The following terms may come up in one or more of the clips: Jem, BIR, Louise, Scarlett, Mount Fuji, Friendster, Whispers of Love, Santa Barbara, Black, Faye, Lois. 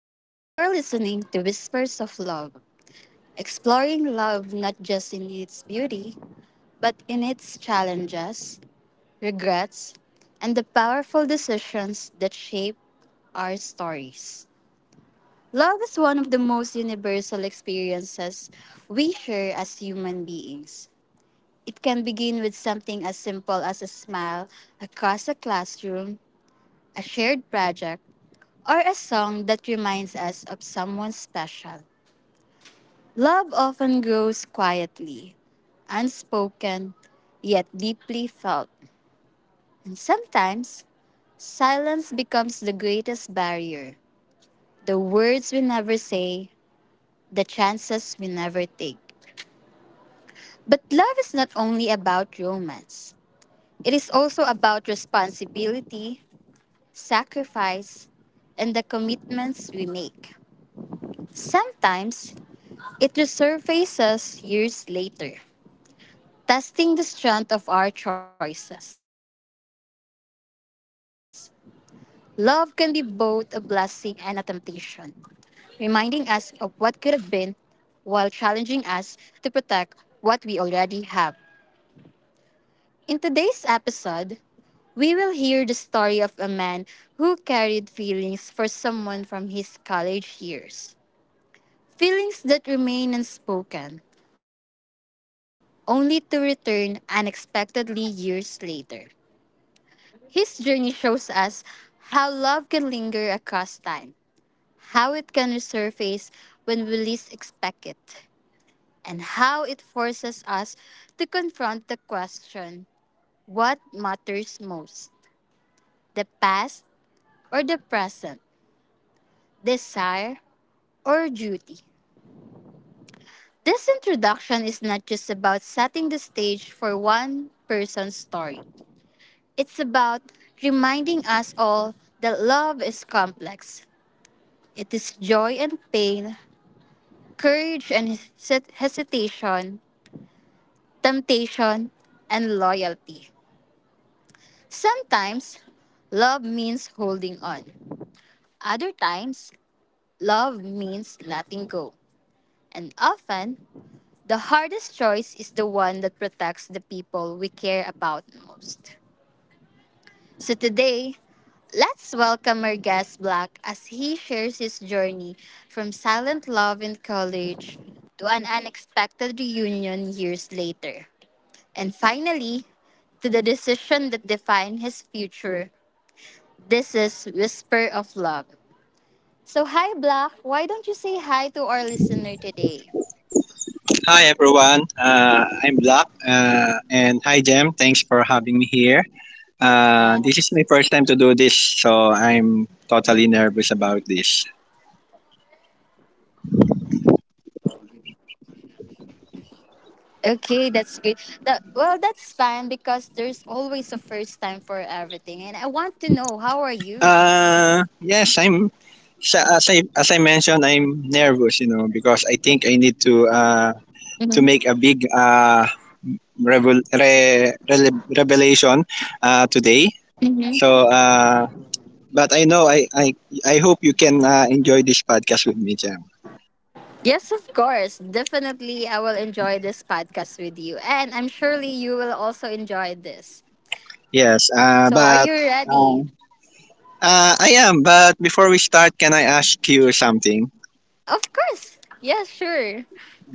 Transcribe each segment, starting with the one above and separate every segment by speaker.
Speaker 1: listening to Whispers of Love, exploring love not just in its beauty, but in its challenges, regrets, and the powerful decisions that shape our stories. Love is one of the most universal experiences we share as human beings. It can begin with something as simple as a smile across a classroom, a shared project, or a song that reminds us of someone special. Love often grows quietly, unspoken, yet deeply felt. And sometimes, silence becomes the greatest barrier. The words we never say, the chances we never take. But love is not only about romance, it is also about responsibility, sacrifice, and the commitments we make. Sometimes, it resurfaces years later, testing the strength of our choices. Love can be both a blessing and a temptation, reminding us of what could have been while challenging us to protect what we already have. In today's episode, we will hear the story of a man who carried feelings for someone from his college years. Feelings that remain unspoken, only to return unexpectedly years later. His journey shows us how love can linger across time, how it can resurface when we least expect it, and how it forces us to confront the question what matters most, the past or the present, desire or duty. This introduction is not just about setting the stage for one person's story. It's about reminding us all that love is complex. It is joy and pain, courage and hesitation, temptation, and loyalty. Sometimes, love means holding on. Other times, love means letting go. And often, the hardest choice is the one that protects the people we care about most. So today, let's welcome our guest Black as he shares his journey from silent love in college to an unexpected reunion years later. And finally, to the decision that defined his future. This is Whisper of Love. So, hi, Black. Why don't you say hi to our listener today?
Speaker 2: Hi everyone, I'm Black, and hi Jem. Thanks for having me here. This is
Speaker 1: Yes.
Speaker 2: my first time to do this, so I'm totally nervous about this.
Speaker 1: Okay, that's good. That, well, that's fine because there's always a first time for everything. And I want to know, how are you?
Speaker 2: Uh, yes, I'm. As I mentioned, I'm nervous, you know, because I think I need
Speaker 1: Mm-hmm.
Speaker 2: to make a big revelation today.
Speaker 1: Mm-hmm.
Speaker 2: So, uh, but I know I hope you can enjoy this podcast with me, Jem.
Speaker 1: Yes, of course. Definitely, I will enjoy this podcast with you. And I'm surely you will also enjoy this.
Speaker 2: Yes,
Speaker 1: So, are
Speaker 2: but
Speaker 1: you ready?
Speaker 2: uh, I am. But before we start, can I ask you something?
Speaker 1: Of course. Yes, sure.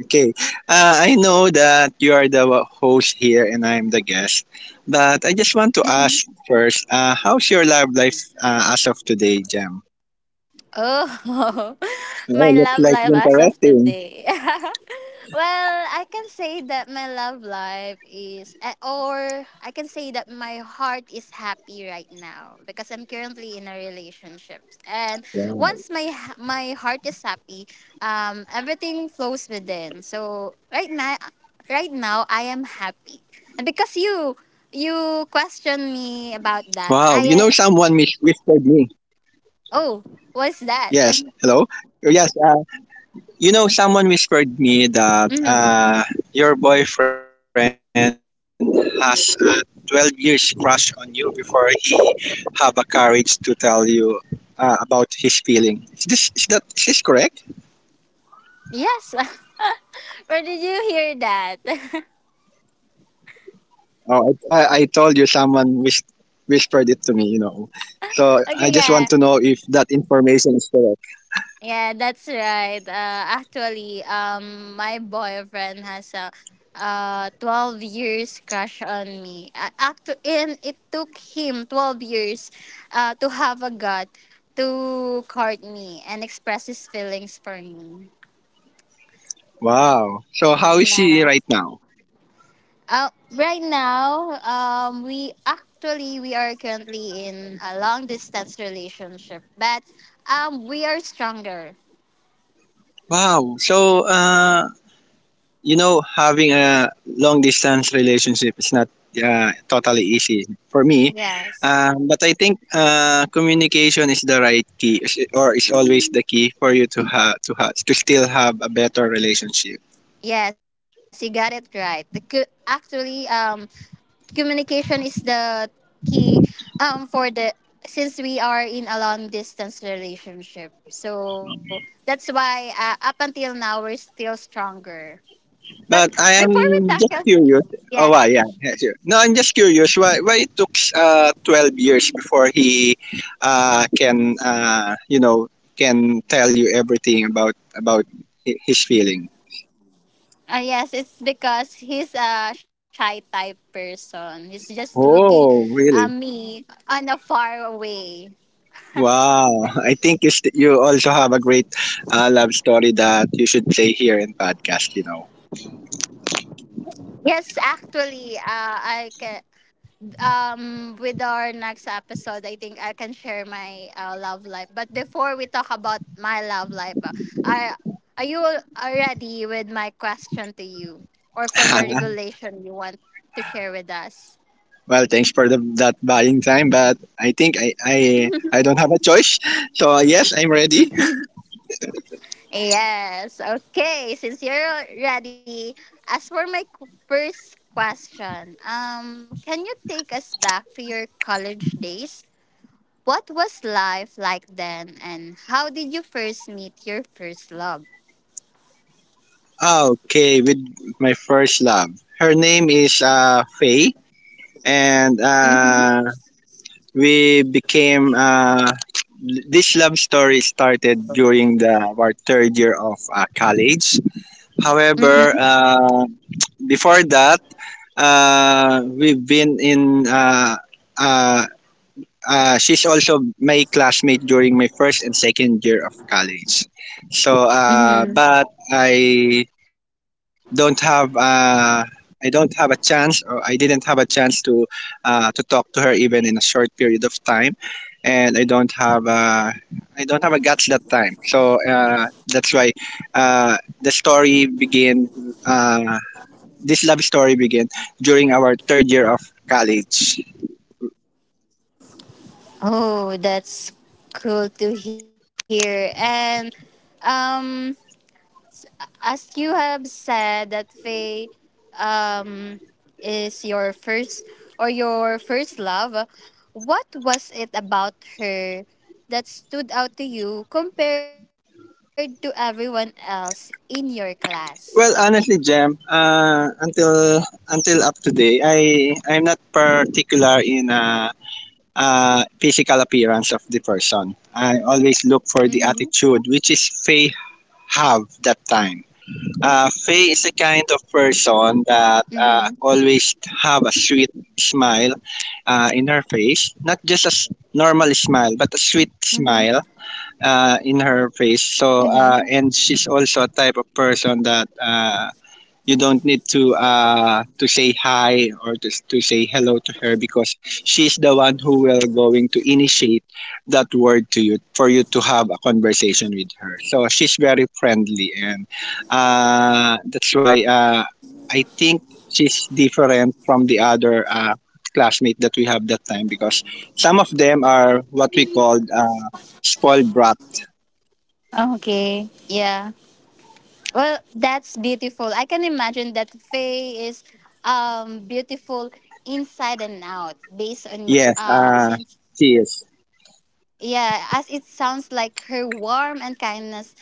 Speaker 2: Okay. I know that you are the host here and I am the guest, but I just want to ask first. How's your love life as of today, Jam?
Speaker 1: Oh,
Speaker 2: Oh,
Speaker 1: my
Speaker 2: looks
Speaker 1: love
Speaker 2: like
Speaker 1: life as of
Speaker 2: interesting.
Speaker 1: today. Well, I can say that my love life is, eh, or I can say that my heart is happy right now because I'm currently in a relationship. And once
Speaker 2: Wow.
Speaker 1: my heart is happy, everything flows within. So right now, right now I am happy, and because you
Speaker 2: Wow. You know,
Speaker 1: questioned
Speaker 2: someone
Speaker 1: me about that,
Speaker 2: whispered
Speaker 1: I...
Speaker 2: me.
Speaker 1: Oh,
Speaker 2: Yes.
Speaker 1: what's that?
Speaker 2: Hello. Uh, Yes. uh, You know, someone whispered me that
Speaker 1: Mhm.
Speaker 2: your boyfriend has a 12 years crush on you before he have a courage to tell you about his feeling. Is this correct?
Speaker 1: Yes. Where did you hear that?
Speaker 2: Oh, I told you someone whispered it to me. You know, so I just
Speaker 1: Okay,
Speaker 2: want to
Speaker 1: yeah.
Speaker 2: know if that information is correct.
Speaker 1: Yeah, that's right. Actually, my boyfriend has a 12 years crush on me. And it took him 12 years to have a gut to court me and express his feelings for me.
Speaker 2: Wow. So how is she
Speaker 1: Yeah.
Speaker 2: right now?
Speaker 1: Uh, right now, um, we are currently in a long distance relationship, but we are stronger.
Speaker 2: Wow. So you know, having a long distance relationship is not totally easy for me.
Speaker 1: Yes,
Speaker 2: But I think communication is the right key, or is always the key for you to have to have to still have a better relationship.
Speaker 1: yes, you got it right. Communication is the key for the since we are in a long distance relationship. So that's why up until now we're still stronger.
Speaker 2: But
Speaker 1: But
Speaker 2: I
Speaker 1: before we
Speaker 2: am just
Speaker 1: tackle,
Speaker 2: curious. Oh, why?
Speaker 1: yeah.
Speaker 2: Yeah, yeah, sure. No, I'm just curious. Why? Why it took 12 before he can you know can tell you everything about his feeling?
Speaker 1: Ah yes, it's because he's a shy type person. He's just looking
Speaker 2: Oh, really?
Speaker 1: at me on a far away.
Speaker 2: Wow, I think you you also have a great love story that you should play here in podcast. You know,
Speaker 1: Yes, actually, I can, um, with our next episode, I think I can share my love life. But before we talk about my love life, are are you ready with my question to you or for the revelation you want to share with us?
Speaker 2: well, thanks for that buying time, but I think I don't have a choice. So yes, I'm ready.
Speaker 1: Yes. Okay. Since you're ready, as for my first question, can you take us back to your college days? What was life like then, and how did you first meet your first love?
Speaker 2: Okay, with my first love, her name is Faye, and
Speaker 1: Mm-hmm.
Speaker 2: we became this love story started during the our third year of college. However,
Speaker 1: Mm-hmm.
Speaker 2: before that, we've been in. Uh, she's also my classmate during my first and second year of college. So, uh,
Speaker 1: Mm-hmm.
Speaker 2: but don't have. Uh, I don't have a chance, or I didn't have a chance to talk to her even in a short period of time, and I don't have a guts that time. So that's why uh, the story began. Uh, this love story began during our third year of college.
Speaker 1: Oh, that's cool to hear. And um, as you have said that Faye um, is your first or your first love, what was it about her that stood out to you compared to everyone else in your class?
Speaker 2: Well, honestly, Jam, until up today, I'm not particular in physical appearance of the person. I always look for the
Speaker 1: Mm-hmm.
Speaker 2: attitude, which is Faye have that time. Faye is the kind of
Speaker 1: Mm-hmm.
Speaker 2: person that always have a sweet smile in her face, not just a normal smile, but a
Speaker 1: Mm-hmm.
Speaker 2: sweet smile in her face. So
Speaker 1: Mm-hmm.
Speaker 2: and she's also a type of person that you don't need to say hi or to say hello to her because she's the one who will going to initiate that word to you for you to have a conversation with her. So she's very friendly and that's why I think she's different from the other. Classmate that we have that time because some of them are what we called spoiled brat.
Speaker 1: Okay. Yeah. Well, that's beautiful. I can imagine that Faye is um, beautiful inside and out based on
Speaker 2: Yes,
Speaker 1: since...
Speaker 2: she is.
Speaker 1: Yeah, as it sounds like her warmth and kindness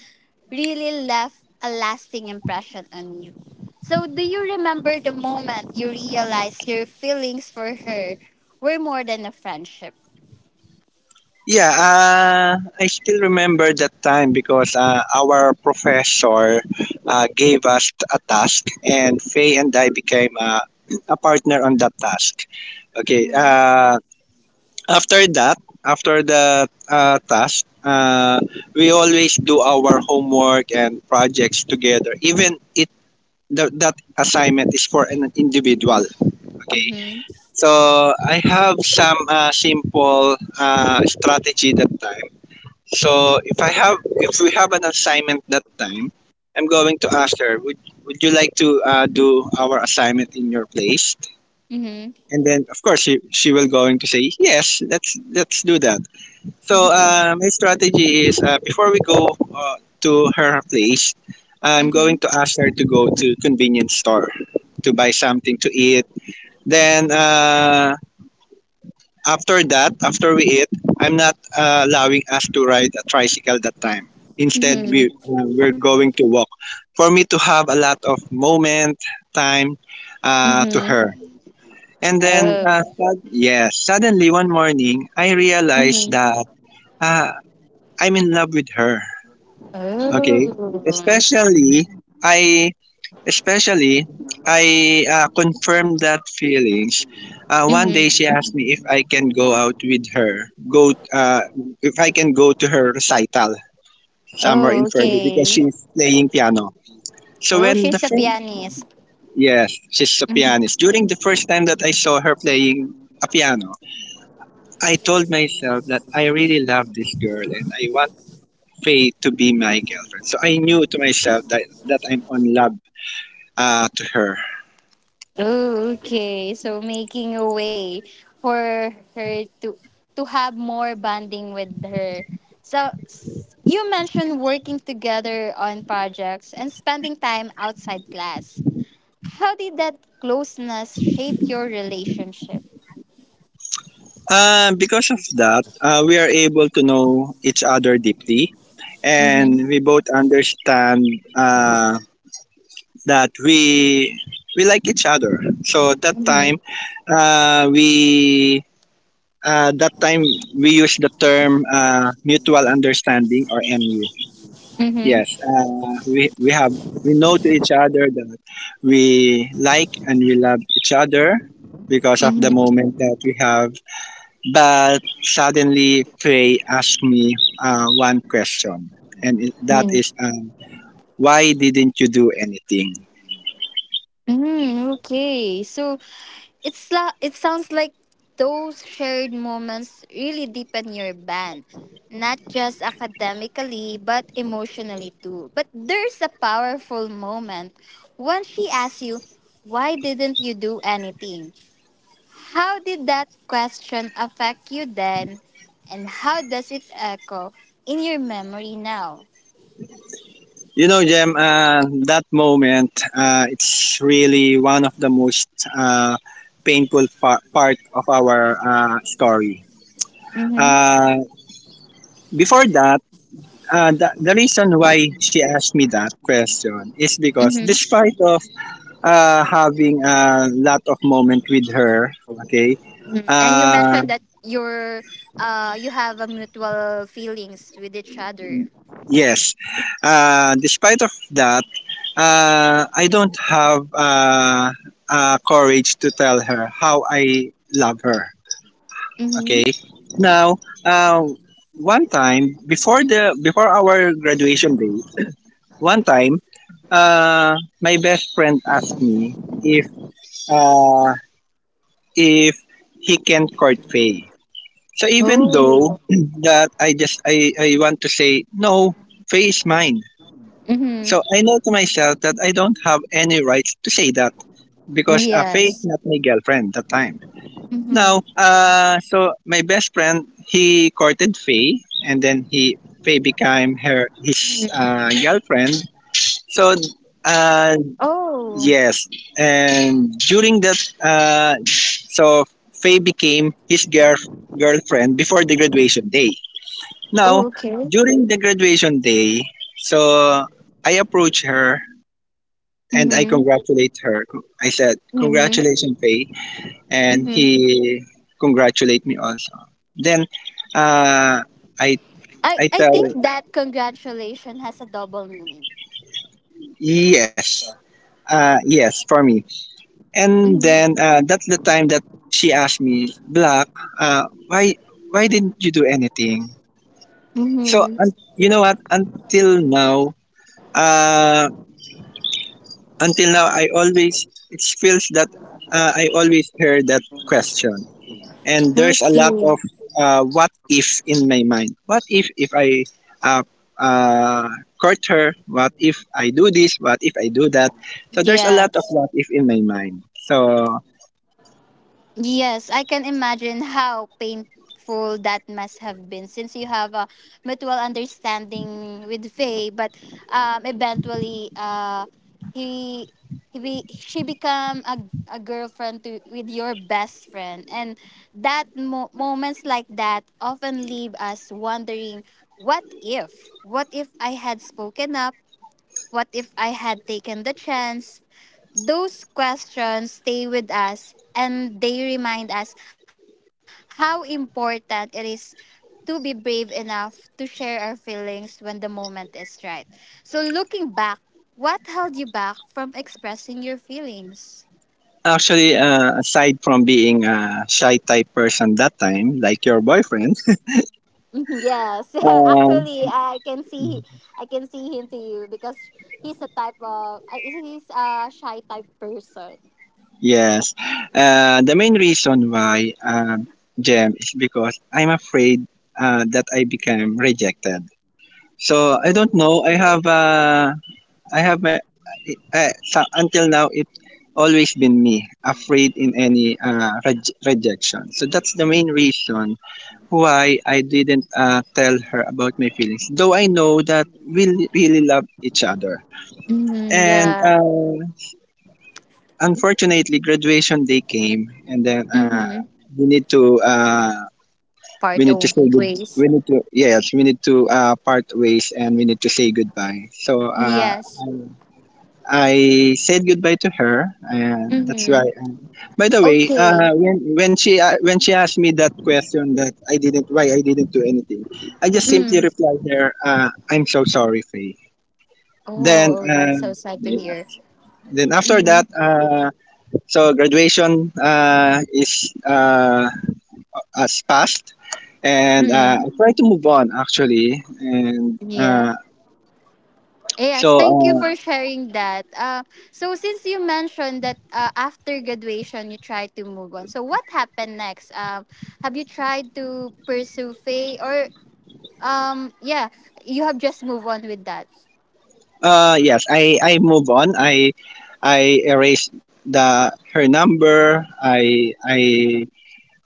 Speaker 1: really left a lasting impression on you. So, do you remember the moment you realized your feelings for her were more than a friendship?
Speaker 2: Yeah, I still remember that time because our professor gave us a task, and Faye and I became a partner on that task. Okay,
Speaker 1: Mhm.
Speaker 2: after that, after the task, we always do our homework and projects together, even that assignment is for an individual. Okay,
Speaker 1: Mhm.
Speaker 2: so I have some simple strategy that time. So if we have an assignment that time, I'm going to ask her, would you like to do our assignment in your place?
Speaker 1: Mhm.
Speaker 2: And then of course she will going to say yes. Let's do that. So
Speaker 1: Mhm.
Speaker 2: my strategy is before we go to her place, I'm going
Speaker 1: Mhm.
Speaker 2: to ask her to go to convenience store to buy something to eat. Then After that, after we eat, I'm not allowing us to ride a tricycle that time. Instead,
Speaker 1: Mhm.
Speaker 2: we're going to walk. For me to have a lot of moment time to
Speaker 1: Mhm.
Speaker 2: her. And then,
Speaker 1: Oh.
Speaker 2: yes, suddenly one morning, I realized
Speaker 1: Mhm.
Speaker 2: that uh, I'm in love with her. Okay,
Speaker 1: Oh.
Speaker 2: especially I Especially, I confirmed that feelings. One
Speaker 1: Mhm.
Speaker 2: day she asked me if I can go out with her, go if I can go to her recital somewhere
Speaker 1: Oh,
Speaker 2: in February because
Speaker 1: okay.
Speaker 2: she's playing piano. So
Speaker 1: Oh,
Speaker 2: when the
Speaker 1: she's a
Speaker 2: first
Speaker 1: pianist.
Speaker 2: Yes, she's a pianist. During the first time that I saw her playing a piano, I told myself that I really love this girl and I want Faye to be my girlfriend. So I knew to myself that I'm on love to her.
Speaker 1: Oh, okay. So making a way for her to have more bonding with her. So you mentioned working together on projects and spending time outside class. How did that closeness shape your relationship?
Speaker 2: Because of that, we are able to know each other deeply, and we
Speaker 1: Mm-hmm.
Speaker 2: both understand uh, that we like each other. So that time,
Speaker 1: Mm-hmm.
Speaker 2: we that time we use the term mutual understanding or MU. Yes,
Speaker 1: Mm-hmm.
Speaker 2: we know to each other that we like and we love each other because of the
Speaker 1: Mm-hmm.
Speaker 2: moment that we have, but suddenly, Frey asked me one question, and
Speaker 1: Mm.
Speaker 2: why didn't you do anything?
Speaker 1: Okay. It sounds like those shared moments really deepen your band, not just academically but emotionally too. But there's a powerful moment when she asks you, "Why didn't you do anything?" How did that question affect you then, and how does it echo in your memory now?
Speaker 2: You know, Jem, that moment, it's really one of the most uh, painful part of our story.
Speaker 1: Mm-hmm.
Speaker 2: Uh, Before that, the reason why she asked me that question is because
Speaker 1: Mm-hmm.
Speaker 2: despite of having a lot of moment with her, okay,
Speaker 1: Mm. And you
Speaker 2: uh,
Speaker 1: mentioned that you have a mutual feelings with each other.
Speaker 2: yes. Despite of that, I don't have courage to tell her how I love her.
Speaker 1: Mm-hmm.
Speaker 2: Okay. Now, uh, one time before our graduation day, one time, uh, my best friend asked me if uh, if he can court Faye. So even though that I just I want to say no, Faye is mine.
Speaker 1: Mm-hmm.
Speaker 2: So I know to myself that I don't have any rights to say that because Faye is
Speaker 1: Yes.
Speaker 2: not my girlfriend that time.
Speaker 1: Mm-hmm.
Speaker 2: Now, so my best friend, he courted Faye and then he Faye became
Speaker 1: Hmm.
Speaker 2: her his girlfriend. So uh,
Speaker 1: Oh.
Speaker 2: yes, and during that, so Faye became his girlfriend before the graduation day.
Speaker 1: Oh,
Speaker 2: Now,
Speaker 1: okay.
Speaker 2: during the graduation day, so I approached her and I
Speaker 1: Mm-hmm.
Speaker 2: congratulate her. I said,
Speaker 1: Mm-hmm.
Speaker 2: "Congratulations, Faye," and
Speaker 1: Mm-hmm.
Speaker 2: he congratulate me also. Then, uh, I
Speaker 1: I,
Speaker 2: I
Speaker 1: I
Speaker 2: tell
Speaker 1: think that congratulation has a double meaning.
Speaker 2: yes, yes for me. And
Speaker 1: Mm-hmm.
Speaker 2: then that's the time that she asked me, "Black, uh, why why didn't you do anything?" So
Speaker 1: Mm-hmm.
Speaker 2: you know what? Uh, until now, I always heard that question. And there's a lot
Speaker 1: Okay.
Speaker 2: of what if in my mind. What if I uh, uh, court her? What if I do this? What if I do that? So there's a lot of
Speaker 1: Yes.
Speaker 2: what if in my mind. So
Speaker 1: Yes, I can imagine how painful that must have been since you have a mutual understanding with Faye, but eventually he, she become a girlfriend with your best friend. And that moments like that often leave us wondering, what if? What if I had spoken up? What if I had taken the chance? Those questions stay with us and they remind us how important it is to be brave enough to share our feelings when the moment is right. So, looking back, what held you back from expressing your feelings?
Speaker 2: actually, aside from being a shy type person that time, like your boyfriend,
Speaker 1: Yes,
Speaker 2: uh,
Speaker 1: actually, I can see... I can see him to you because he's a shy type person.
Speaker 2: yes, the main reason why Jem is because I'm afraid that I become rejected. So I don't
Speaker 1: Oh,
Speaker 2: know.
Speaker 1: okay.
Speaker 2: I have my so until now it always been me afraid in any rejection. So that's the main reason why I didn't tell her about my feelings. Though I know that we really love each other.
Speaker 1: Hmm,
Speaker 2: And
Speaker 1: yeah.
Speaker 2: unfortunately, graduation day came, and then
Speaker 1: Hmm.
Speaker 2: we need to uh, we
Speaker 1: Part
Speaker 2: need to say
Speaker 1: of
Speaker 2: good.
Speaker 1: ways.
Speaker 2: We need to yes, we need to part ways, and we need to say goodbye. So.
Speaker 1: Yes.
Speaker 2: I said goodbye to her, and that's why.
Speaker 1: Mm-hmm.
Speaker 2: By the way,
Speaker 1: Okay.
Speaker 2: when she asked me that question that I didn't why I didn't do anything, I just simply
Speaker 1: Mm.
Speaker 2: replied her, "I'm so sorry, Faye." Then,
Speaker 1: Oh,
Speaker 2: uh,
Speaker 1: that's so sad to
Speaker 2: yeah.
Speaker 1: hear.
Speaker 2: Then after
Speaker 1: Mm-hmm.
Speaker 2: that, so graduation is has passed, and I
Speaker 1: Mm.
Speaker 2: try to move on actually, and
Speaker 1: Yeah. Yes,
Speaker 2: so.
Speaker 1: thank you for sharing that. So since you mentioned that after graduation you try to move on, so what happened next? Have you tried to pursue faith or yeah, you have just moved on with that.
Speaker 2: Yes, I move on. I erase the her number.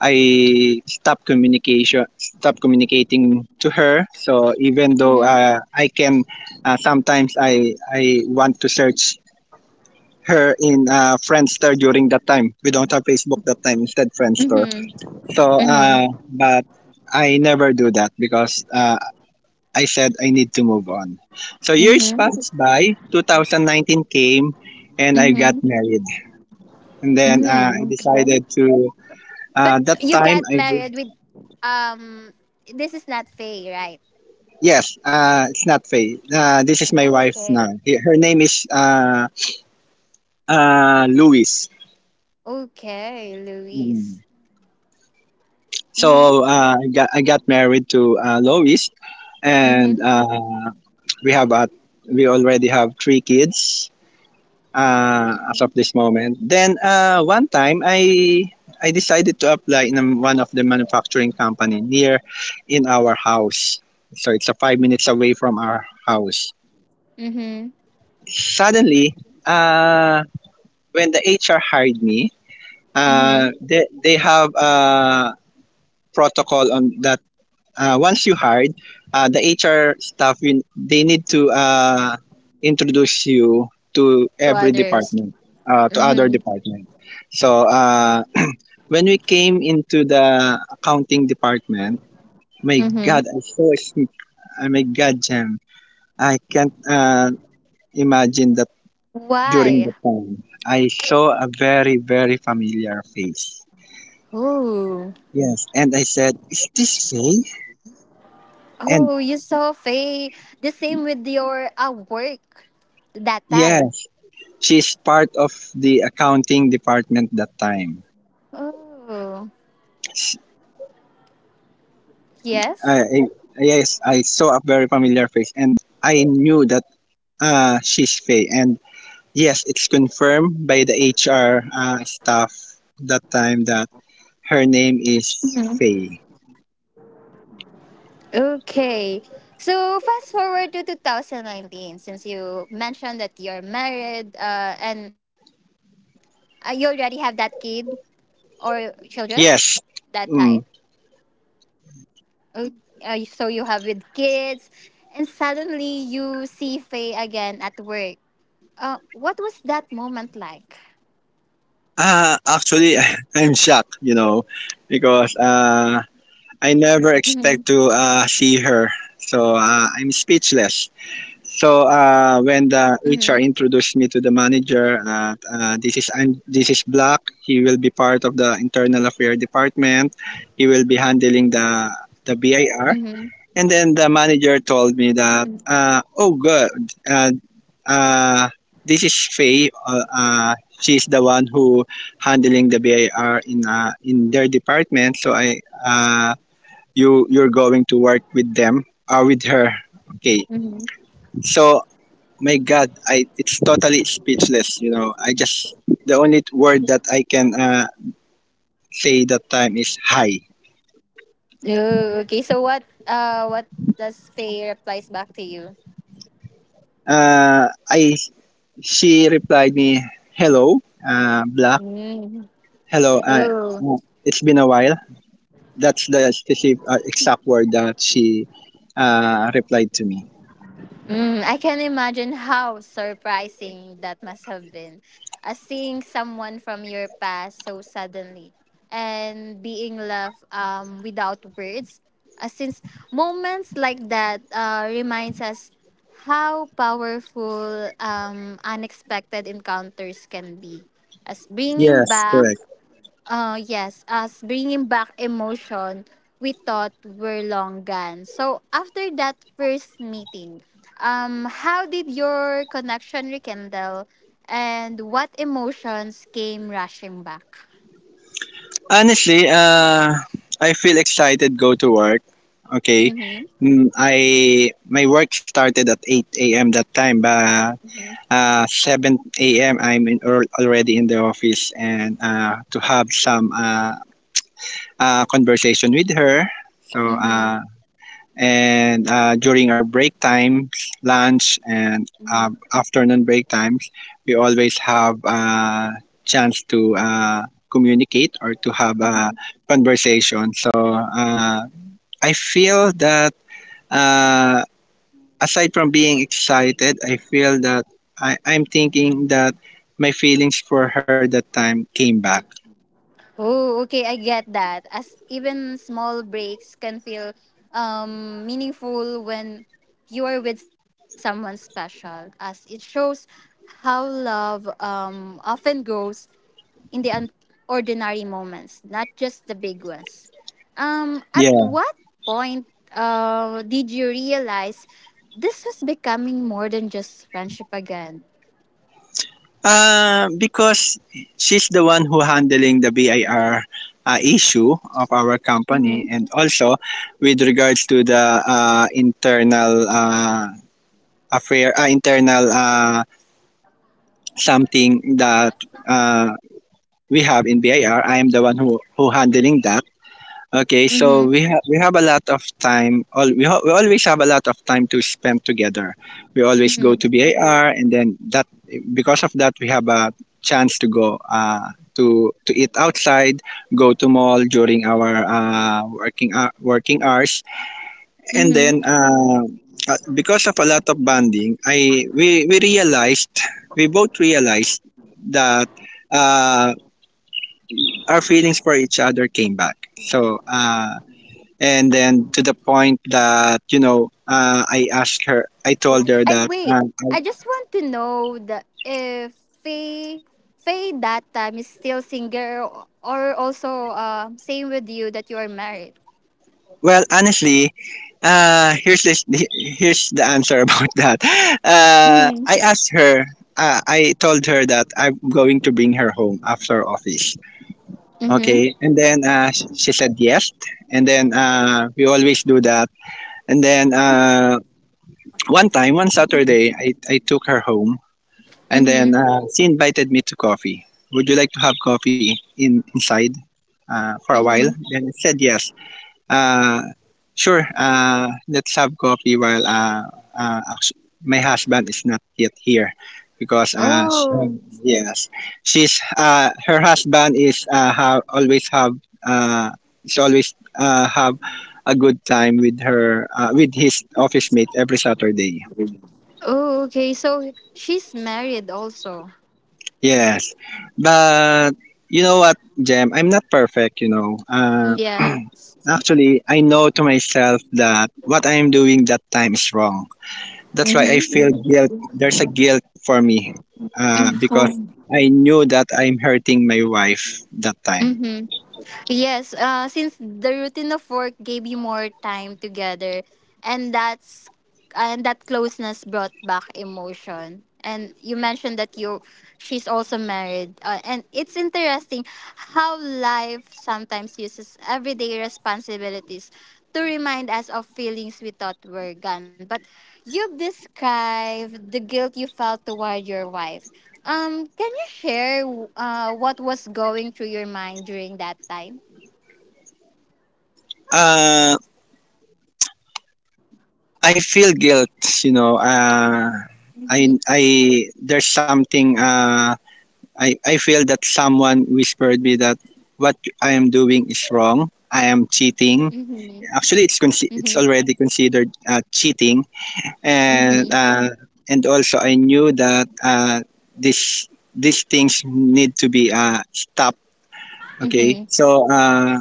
Speaker 2: I stop communication. Stop communicating to her. So even though
Speaker 1: Mm-hmm.
Speaker 2: sometimes I want to search her in Friendster during that time. We don't have Facebook that time. Instead, Friendster.
Speaker 1: Mm-hmm.
Speaker 2: So uh,
Speaker 1: Mm-hmm.
Speaker 2: but I never do that because I said I need to move on. So years
Speaker 1: Mm-hmm.
Speaker 2: passes by, 2019 came, and I
Speaker 1: Mm-hmm.
Speaker 2: got married. And then
Speaker 1: Mm-hmm.
Speaker 2: I
Speaker 1: Okay.
Speaker 2: decided to.
Speaker 1: But
Speaker 2: That
Speaker 1: you
Speaker 2: time
Speaker 1: got
Speaker 2: I did.
Speaker 1: married with um, this is not Faye, right?
Speaker 2: Yes, it's not Faye. This is my wife now.
Speaker 1: Okay.
Speaker 2: Her name is Louise.
Speaker 1: Okay,
Speaker 2: Mm.
Speaker 1: Luis.
Speaker 2: So
Speaker 1: Mm-hmm.
Speaker 2: I got married to Louise, and
Speaker 1: Mm-hmm.
Speaker 2: we have a, we already have 3 kids, as
Speaker 1: Mm-hmm.
Speaker 2: of this moment. Then one time I decided to apply in one of the manufacturing company near in our house. So it's a 5 minutes away from our house.
Speaker 1: Mm-hmm.
Speaker 2: Suddenly, uh, when the HR hired me,
Speaker 1: Mm-hmm.
Speaker 2: they have a protocol on that, once you hired, the HR staff they need to introduce you to
Speaker 1: To
Speaker 2: every
Speaker 1: others.
Speaker 2: department, to other
Speaker 1: Mm-hmm.
Speaker 2: department. So when we came into the accounting department, my God,
Speaker 1: Mm-hmm.
Speaker 2: my God, Jam, I can't imagine that during the
Speaker 1: Why?
Speaker 2: time I saw a very familiar face.
Speaker 1: Oh.
Speaker 2: Yes, and I said, "Is this Faye?" And
Speaker 1: Oh, you saw Faye. The same with your work that time.
Speaker 2: yes, she's part of the accounting department that time.
Speaker 1: Oh.
Speaker 2: S-
Speaker 1: Yes?
Speaker 2: yes, I saw a very familiar face and I knew that she's Faye. And yes, it's confirmed by the HR staff that time that her name
Speaker 1: Mm-hmm.
Speaker 2: is Faye.
Speaker 1: Okay. So fast forward to 2019, since you mentioned that you're married, and you already have that kid or children that time.
Speaker 2: Yes. Mm.
Speaker 1: Oh, so you have with kids, and suddenly you see Faye again at work. What was that moment like?
Speaker 2: Actually, I'm shocked, you know, because I
Speaker 1: Mm-hmm.
Speaker 2: never expect to see her. So I'm speechless. So when
Speaker 1: Mm-hmm.
Speaker 2: the HR introduced me to the manager, this is this is Black. He will be part of the internal affair department. He will be handling the
Speaker 1: Mm-hmm.
Speaker 2: BIR. And then the manager
Speaker 1: Mm-hmm.
Speaker 2: told me that, oh good, uh, uh, this is Faye. She's the one who handling the BIR in their department. So I uh, you're going to work with them with her.
Speaker 1: Mm-hmm.
Speaker 2: Okay. So my God, I it's totally speechless, you know. I just, the only word that I can say that time is hi.
Speaker 1: Oh, okay. So what? What does Faye replies back to you?
Speaker 2: I she replied me, "Hello, Black.
Speaker 1: Mm.
Speaker 2: Hello,
Speaker 1: Oh.
Speaker 2: it's been a while." That's the specific exact word that she replied to me.
Speaker 1: Mm, I can imagine how surprising that must have been. As seeing someone from your past so suddenly and being left without words. Since moments like that reminds us how powerful unexpected encounters can be. As bringing
Speaker 2: Yes,
Speaker 1: back...
Speaker 2: correct.
Speaker 1: Yes, as bringing back emotion we thought were long gone. So after that first meeting, how did your connection rekindle, and what emotions came rushing back?
Speaker 2: Honestly, I feel excited go to work. Okay.
Speaker 1: Mm-hmm.
Speaker 2: Mm, I my work started at 8 a.m. that time, but 7 a.m. I'm in, already in the office and to have some conversation with her. So
Speaker 1: Mm-hmm.
Speaker 2: uh, and during our break times, lunch and
Speaker 1: Mm-hmm.
Speaker 2: afternoon break times, we always have a chance to communicate or to have a
Speaker 1: Mm-hmm.
Speaker 2: conversation. So I feel that uh, aside from being excited, I feel that I'm thinking that my feelings for her that time came back.
Speaker 1: Oh, okay, I get that. As even small breaks can feel meaningful when you are with someone special, as it shows how love often grows in the ordinary moments, not just the big ones. At
Speaker 2: Yeah.
Speaker 1: what point did you realize this was becoming more than just friendship again?
Speaker 2: Because she's the one who handling the BIR issue of our company
Speaker 1: Mm-hmm.
Speaker 2: and also with regards to the internal affair, internal something that uh, we have in BIR, I R. I am the one who handling that. Okay,
Speaker 1: Mm-hmm.
Speaker 2: so we have a lot of time. We always have a lot of time to spend together. We always
Speaker 1: Mm-hmm.
Speaker 2: go to BAR, and then that, because of that we have a chance to go to eat outside, go to mall during our working hours, and
Speaker 1: Mm-hmm.
Speaker 2: then because of a lot of bonding, I we realized, we both realized that uh, our feelings for each other came back. So. Uh, and then to the point that, you know, I asked her, I told her
Speaker 1: I
Speaker 2: that
Speaker 1: wait. I just want to know that if Faye Faye that time is still single or also same with you that you are married.
Speaker 2: well, honestly, uh, here's this, here's the answer about that. Uh,
Speaker 1: Mhm.
Speaker 2: I asked her, I told her that I'm going to bring her home after office.
Speaker 1: Mhm.
Speaker 2: Okay. And then she said yes, and then we always do that. And then one time, one Saturday, I took her home. And then
Speaker 1: Mhm.
Speaker 2: she invited me to coffee. "Would you like to have coffee in inside for a while?"
Speaker 1: Mhm.
Speaker 2: Then I said yes. Uh, "Sure. Let's have coffee while uh, actu- my husband is not yet here," because
Speaker 1: Oh.
Speaker 2: yes, she's, her husband uh, is always have a good time with her with his office mate every Saturday.
Speaker 1: Oh. Okay. So she's married also.
Speaker 2: Yes. But you know what, Jem? I'm not perfect, you know.
Speaker 1: Yeah.
Speaker 2: Actually, I know to myself that what I am doing that time is wrong. That's why I
Speaker 1: Mhm.
Speaker 2: feel guilt. There's a guilt for me because
Speaker 1: Mhm.
Speaker 2: I knew that I'm hurting my wife that time.
Speaker 1: Yes, since the routine of work gave you more time together, and that's and that closeness brought back emotion. And you mentioned that you she's also married, and it's interesting how life sometimes uses everyday responsibilities to remind us of feelings we thought were gone. But you've described the guilt you felt toward your wife. Can you share what was going through your mind during that time?
Speaker 2: Uh, I feel guilt, you know.
Speaker 1: Mhm,
Speaker 2: There's something. I feel that someone whispered me that what I am doing is wrong. I am cheating.
Speaker 1: mhm,
Speaker 2: Actually,
Speaker 1: mhm,
Speaker 2: it's already considered cheating, and
Speaker 1: mhm,
Speaker 2: uh, and also I knew that this these things need to be stopped. Okay,
Speaker 1: mhm.
Speaker 2: so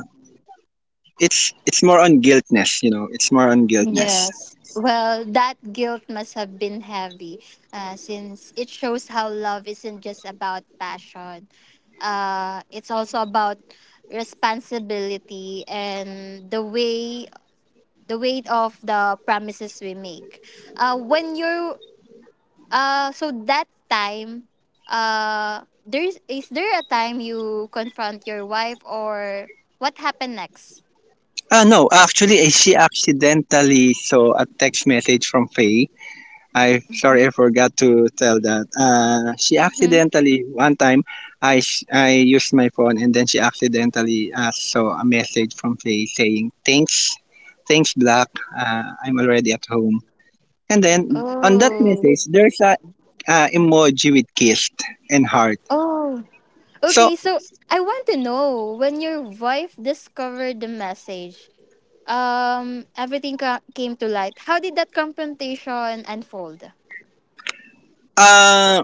Speaker 2: it's more on guiltness. You know, it's more on guiltness.
Speaker 1: Yes. Well, that guilt must have been heavy, since it shows how love isn't just about passion. It's also about responsibility and the way the weight of the promises we make. When you're So that time, there's is there a time you confront your wife or what happened next?
Speaker 2: Ah, no, actually, eh, she accidentally saw a text message from Faye. I Sorry, I forgot to tell that. She
Speaker 1: Mhm.
Speaker 2: accidentally one time, I used my phone and then she accidentally saw a message from Faye saying, "Thanks, thanks Black. I'm already at home." And then on that
Speaker 1: Oh.
Speaker 2: message, there's a emoji with kiss and heart.
Speaker 1: Oh.
Speaker 2: So
Speaker 1: Okay, so I want to know when your wife discovered the message, came to light. How did that confrontation unfold?
Speaker 2: uh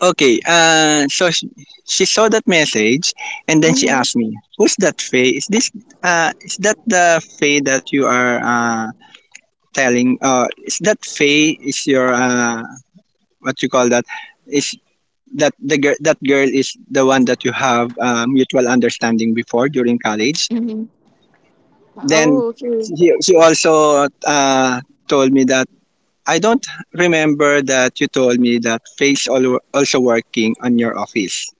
Speaker 2: okay, so she saw that message and then she asked me, "Who's that Faye? Is that the Faye that you are telling, is that Faye is your, what you call that, is that the girl, that girl is the one that you have mutual understanding before during college?"
Speaker 1: Mm-hmm.
Speaker 2: Then
Speaker 1: Oh, okay.
Speaker 2: she also told me that, "I don't remember that you told me that Faye's also working on your office."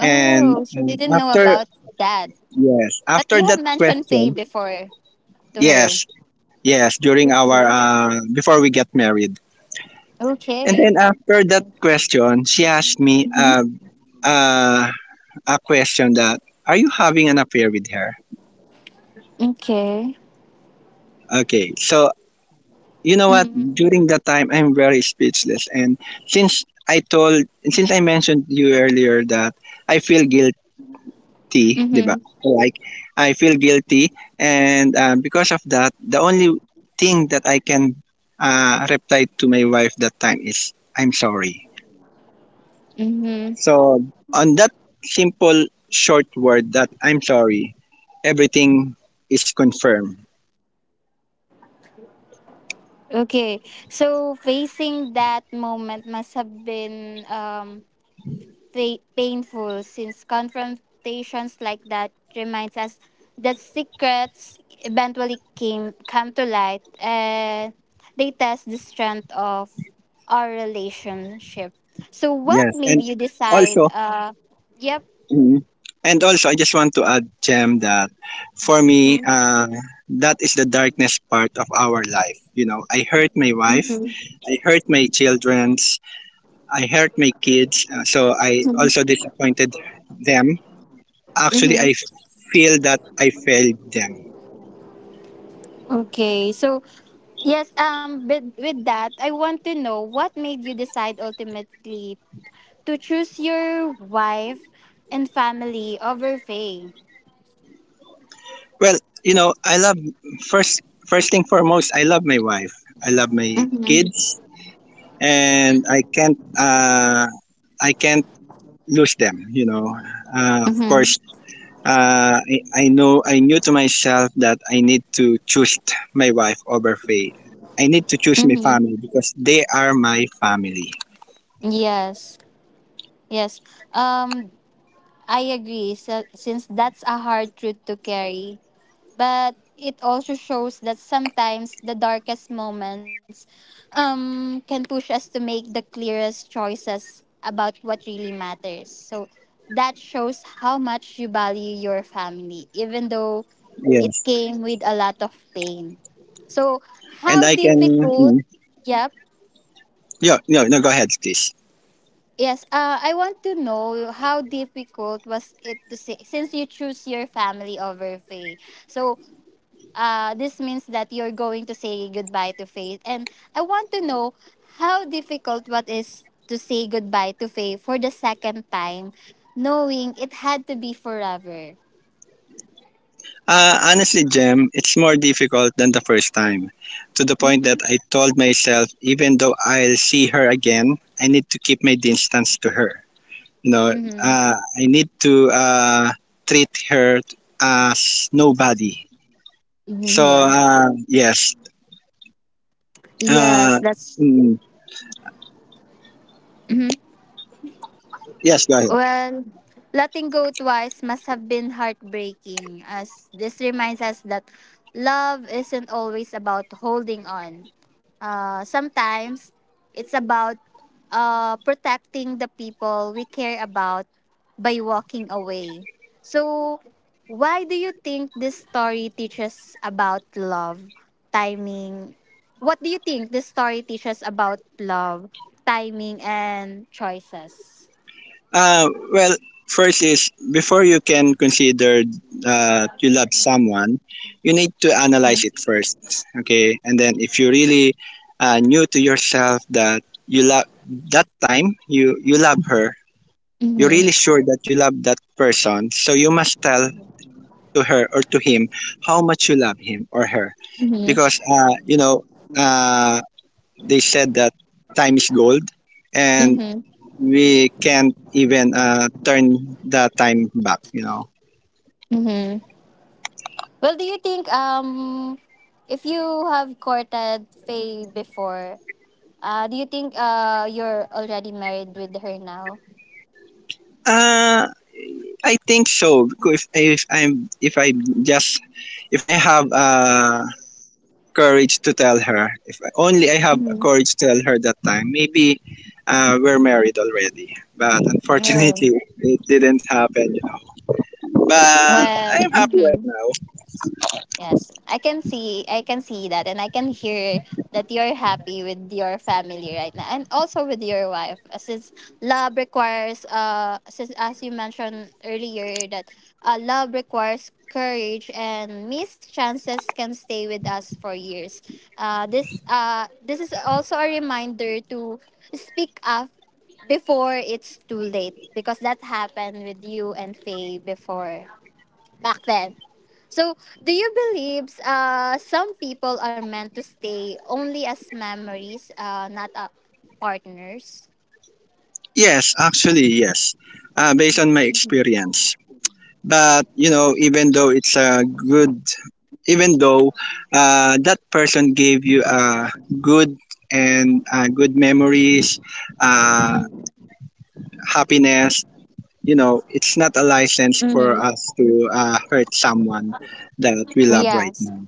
Speaker 2: And
Speaker 1: so they didn't know
Speaker 2: after,
Speaker 1: about that.
Speaker 2: yes,
Speaker 1: But
Speaker 2: after
Speaker 1: you have
Speaker 2: that
Speaker 1: mentioned Faye
Speaker 2: question,
Speaker 1: before to her.
Speaker 2: yes, yes, during our,
Speaker 1: Okay.
Speaker 2: before we get married. And
Speaker 1: Okay.
Speaker 2: then after that question, she asked me uh, a question that, "Are you having an affair with her?"
Speaker 1: Okay.
Speaker 2: Okay, so you know what?
Speaker 1: Mm-hmm.
Speaker 2: During that time, I'm very speechless. And since I told, since I mentioned you earlier that I feel guilty, diba?
Speaker 1: Mm-hmm.
Speaker 2: Like, I feel guilty. And because of that, the only thing that I can reply to my wife that time is, "I'm sorry."
Speaker 1: Mm-hmm.
Speaker 2: So, on that simple short word, that "I'm sorry," everything is confirmed.
Speaker 1: Okay. So facing that moment must have been painful, since confrontations like that reminds us that secrets eventually came come to light and they test the strength of our relationship. So what
Speaker 2: Yes,
Speaker 1: made
Speaker 2: and
Speaker 1: you decide
Speaker 2: also,
Speaker 1: yep.
Speaker 2: mhm, and also, I just want to add, Jem, that for me, that is the darkness part of our life. You know, I hurt my wife, I hurt my childrens, I hurt my kids, so I also disappointed them. Actually,
Speaker 1: Mhm.
Speaker 2: I feel that I failed them.
Speaker 1: Okay. So yes, but with that, I want to know what made you decide ultimately to choose your wife and family over Faye.
Speaker 2: Well, you know, I love, first first thing foremost, I love my wife. I love my
Speaker 1: Mhm.
Speaker 2: kids and I can't lose them, you know. Of course, I knew to myself that I need to choose my wife over Faye. I need to choose my
Speaker 1: Mm-hmm.
Speaker 2: family because they are my family.
Speaker 1: Yes, yes. Um, I agree. So, since that's a hard truth to carry, but it also shows that sometimes the darkest moments, can push us to make the clearest choices about what really matters. So that shows how much you value your family, even though
Speaker 2: Yes.
Speaker 1: it came with a lot of pain. So
Speaker 2: And I
Speaker 1: how
Speaker 2: can, mm,
Speaker 1: difficult? Yep.
Speaker 2: yeah, no, no, go ahead, please.
Speaker 1: Yes, I want to know how difficult was it to say, since you choose your family over faith. So, this means that you're going to say goodbye to faith, and I want to know how difficult what is to say goodbye to faith for the second time, knowing it had to be forever.
Speaker 2: Honestly, Jem, it's more difficult than the first time. To the point
Speaker 1: Mm-hmm.
Speaker 2: that I told myself, even though I'll see her again, I need to keep my distance to her. You know,
Speaker 1: Mm-hmm.
Speaker 2: I need to treat her as nobody.
Speaker 1: Mm-hmm,
Speaker 2: So,
Speaker 1: yeah.
Speaker 2: yes.
Speaker 1: Yes,
Speaker 2: Uh,
Speaker 1: that's.
Speaker 2: mm,
Speaker 1: Mhm.
Speaker 2: yes, go.
Speaker 1: Well, letting go twice must have been heartbreaking, as this reminds us that love isn't always about holding on. Sometimes it's about protecting the people we care about by walking away. So, why do you think this story teaches about love, timing? What do you think this story teaches about love, timing, and choices?
Speaker 2: Well, first is before you can consider you love someone, you need to analyze it
Speaker 1: Mm-hmm.
Speaker 2: first. Okay, and then if you really knew to yourself that you love, that time you you love her, you're
Speaker 1: Mhm.
Speaker 2: really sure that you love that person, so you must tell to her or to him how much you love him or her,
Speaker 1: Mhm.
Speaker 2: because you know uh, they said that time is gold, and
Speaker 1: Mhm.
Speaker 2: we can't even turn the time back, you know.
Speaker 1: Mhm. Well, do you think if you have courted Faye before, do you think you're already married with her now?
Speaker 2: uh I think so because if I'm if I just if I have courage to tell her, if I- only I have
Speaker 1: Mhm.
Speaker 2: courage to tell her that time, maybe we're married already, but
Speaker 1: Oh.
Speaker 2: unfortunately it didn't happen, you know. But
Speaker 1: Well,
Speaker 2: I'm happy right
Speaker 1: mhm.
Speaker 2: now.
Speaker 1: Yes, I can see that, and I can hear that you're happy with your family right now and also with your wife. Since love requires since as you mentioned earlier that love requires courage and missed chances can stay with us for years. This is also a reminder to speak up before it's too late, because that happened with you and Faye before back then. So, do you believe some people are meant to stay only as memories, not partners?
Speaker 2: Yes, actually yes, based on my experience. But you know, even though even though that person gave you a good and good memories, uh, happiness. You know, it's not a license for
Speaker 1: Mm-hmm.
Speaker 2: us to hurt someone that we love right
Speaker 1: Yes.
Speaker 2: now.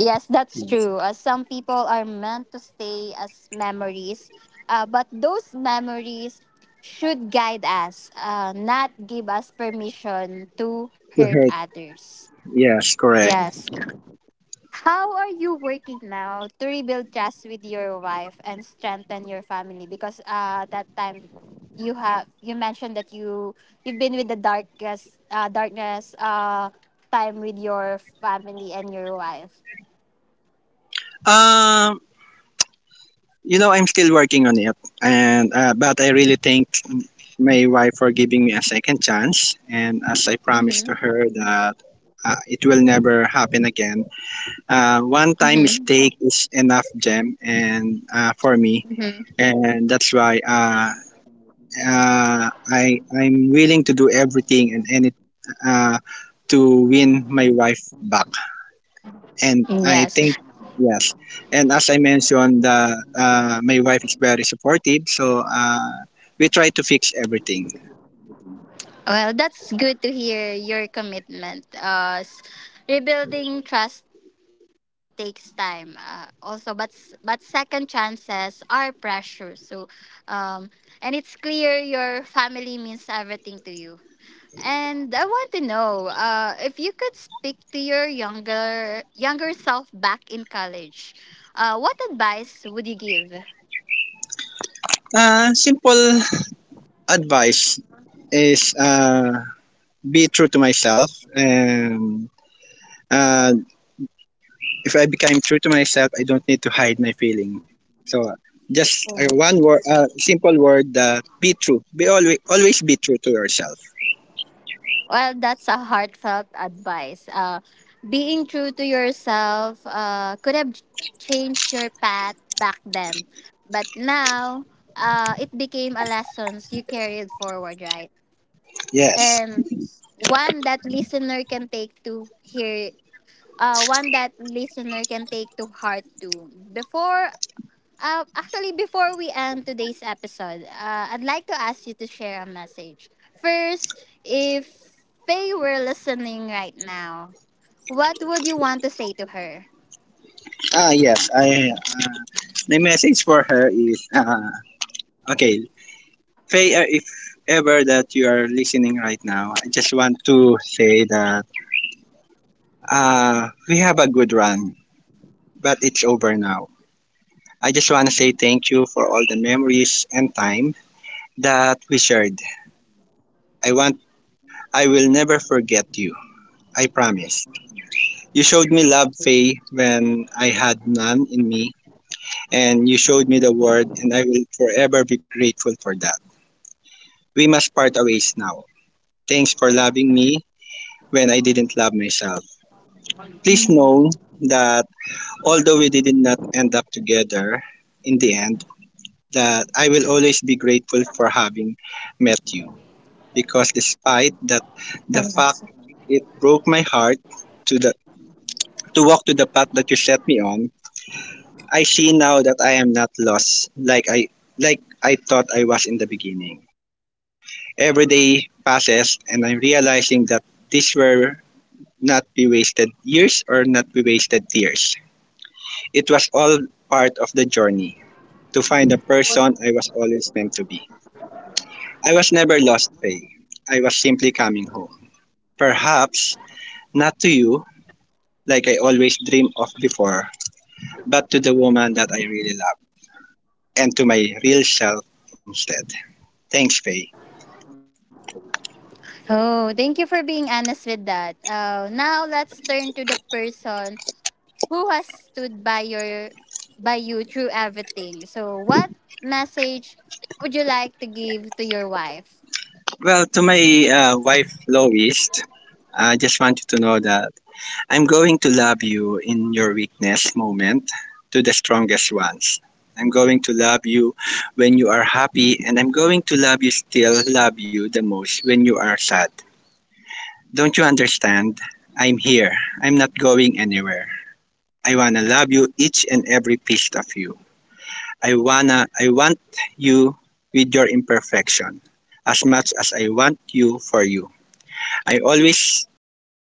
Speaker 1: Yes, that's
Speaker 2: Yes,
Speaker 1: true. Some people are meant to stay as memories, but those memories should guide us, not give us permission to hurt
Speaker 2: to hurt.
Speaker 1: others.
Speaker 2: Yes, correct.
Speaker 1: Yes. How are you working now to rebuild trust with your wife and strengthen your family? Because that time you mentioned that you've been with the darkest darkness time with your family and your wife.
Speaker 2: Um, you know, I'm still working on it, and but I really think my wife for giving me a second chance. And as I promised
Speaker 1: Mm-hmm.
Speaker 2: to her that it will never happen again. One time
Speaker 1: Mm-hmm.
Speaker 2: mistake is enough, Gem, and for me,
Speaker 1: Mm-hmm.
Speaker 2: and that's why I'm willing to do everything and any uh, to win my wife back. And I
Speaker 1: Yes.
Speaker 2: think, yes. And as I mentioned, my wife is very supportive, so we try to fix everything.
Speaker 1: Well, that's good to hear your commitment. Rebuilding trust takes time. Also, but second chances are precious. So, um, and it's clear your family means everything to you. And I want to know if you could speak to your younger self back in college. What advice would you give?
Speaker 2: Simple advice is be true to myself, and uh, if I become true to myself, I don't need to hide my feeling. So, just one word, simple word, be true, be always, always be true to yourself.
Speaker 1: Well, that's a heartfelt advice. Being true to yourself could have changed your path back then, but now it became a lesson you carried forward, right?
Speaker 2: Yes.
Speaker 1: And one that listener can take to hear, one that listener can take to heart too. Before actually, before we end today's episode, I'd like to ask you to share a message. First, if Faye were listening right now, what would you want to say to her?
Speaker 2: Ah, yes, I my message for her is, okay, Faye, if ever that you are listening right now, I just want to say that we have a good run but it's over now. I just want to say thank you for all the memories and time that we shared. I want I will never forget you. I promise. You showed me love, Faye, when I had none in me, and you showed me the word, and I will forever be grateful for that. We must part ways now. Thanks for loving me when I didn't love myself. Please know that although we did not end up together in the end, that I will always be grateful for having met you. Because despite that, the fact it broke my heart, to the to walk to the path that you set me on, I see now that I am not lost like I thought I was in the beginning. Every day passes and I'm realizing that these were not be wasted years or not be wasted tears. It was all part of the journey to find the person I was always meant to be. I was never lost, Faye. I was simply coming home. Perhaps not to you, like I always dreamed of before, but to the woman that I really love and to my real self instead. Thanks, Faye.
Speaker 1: Oh, thank you for being honest with that. Now let's turn to the person who has stood by your by you through everything. So, what message would you like to give to your wife?
Speaker 2: Well, to my wife, Lois, I just want you to know that I'm going to love you in your weakness moment to the strongest ones. I'm going to love you when you are happy, and I'm going to love you still, love you the most when you are sad. Don't you understand? I'm here. I'm not going anywhere. I wanna love you, each and every piece of you. I want you with your imperfection as much as I want you for you. I always
Speaker 1: Kois, wait lang,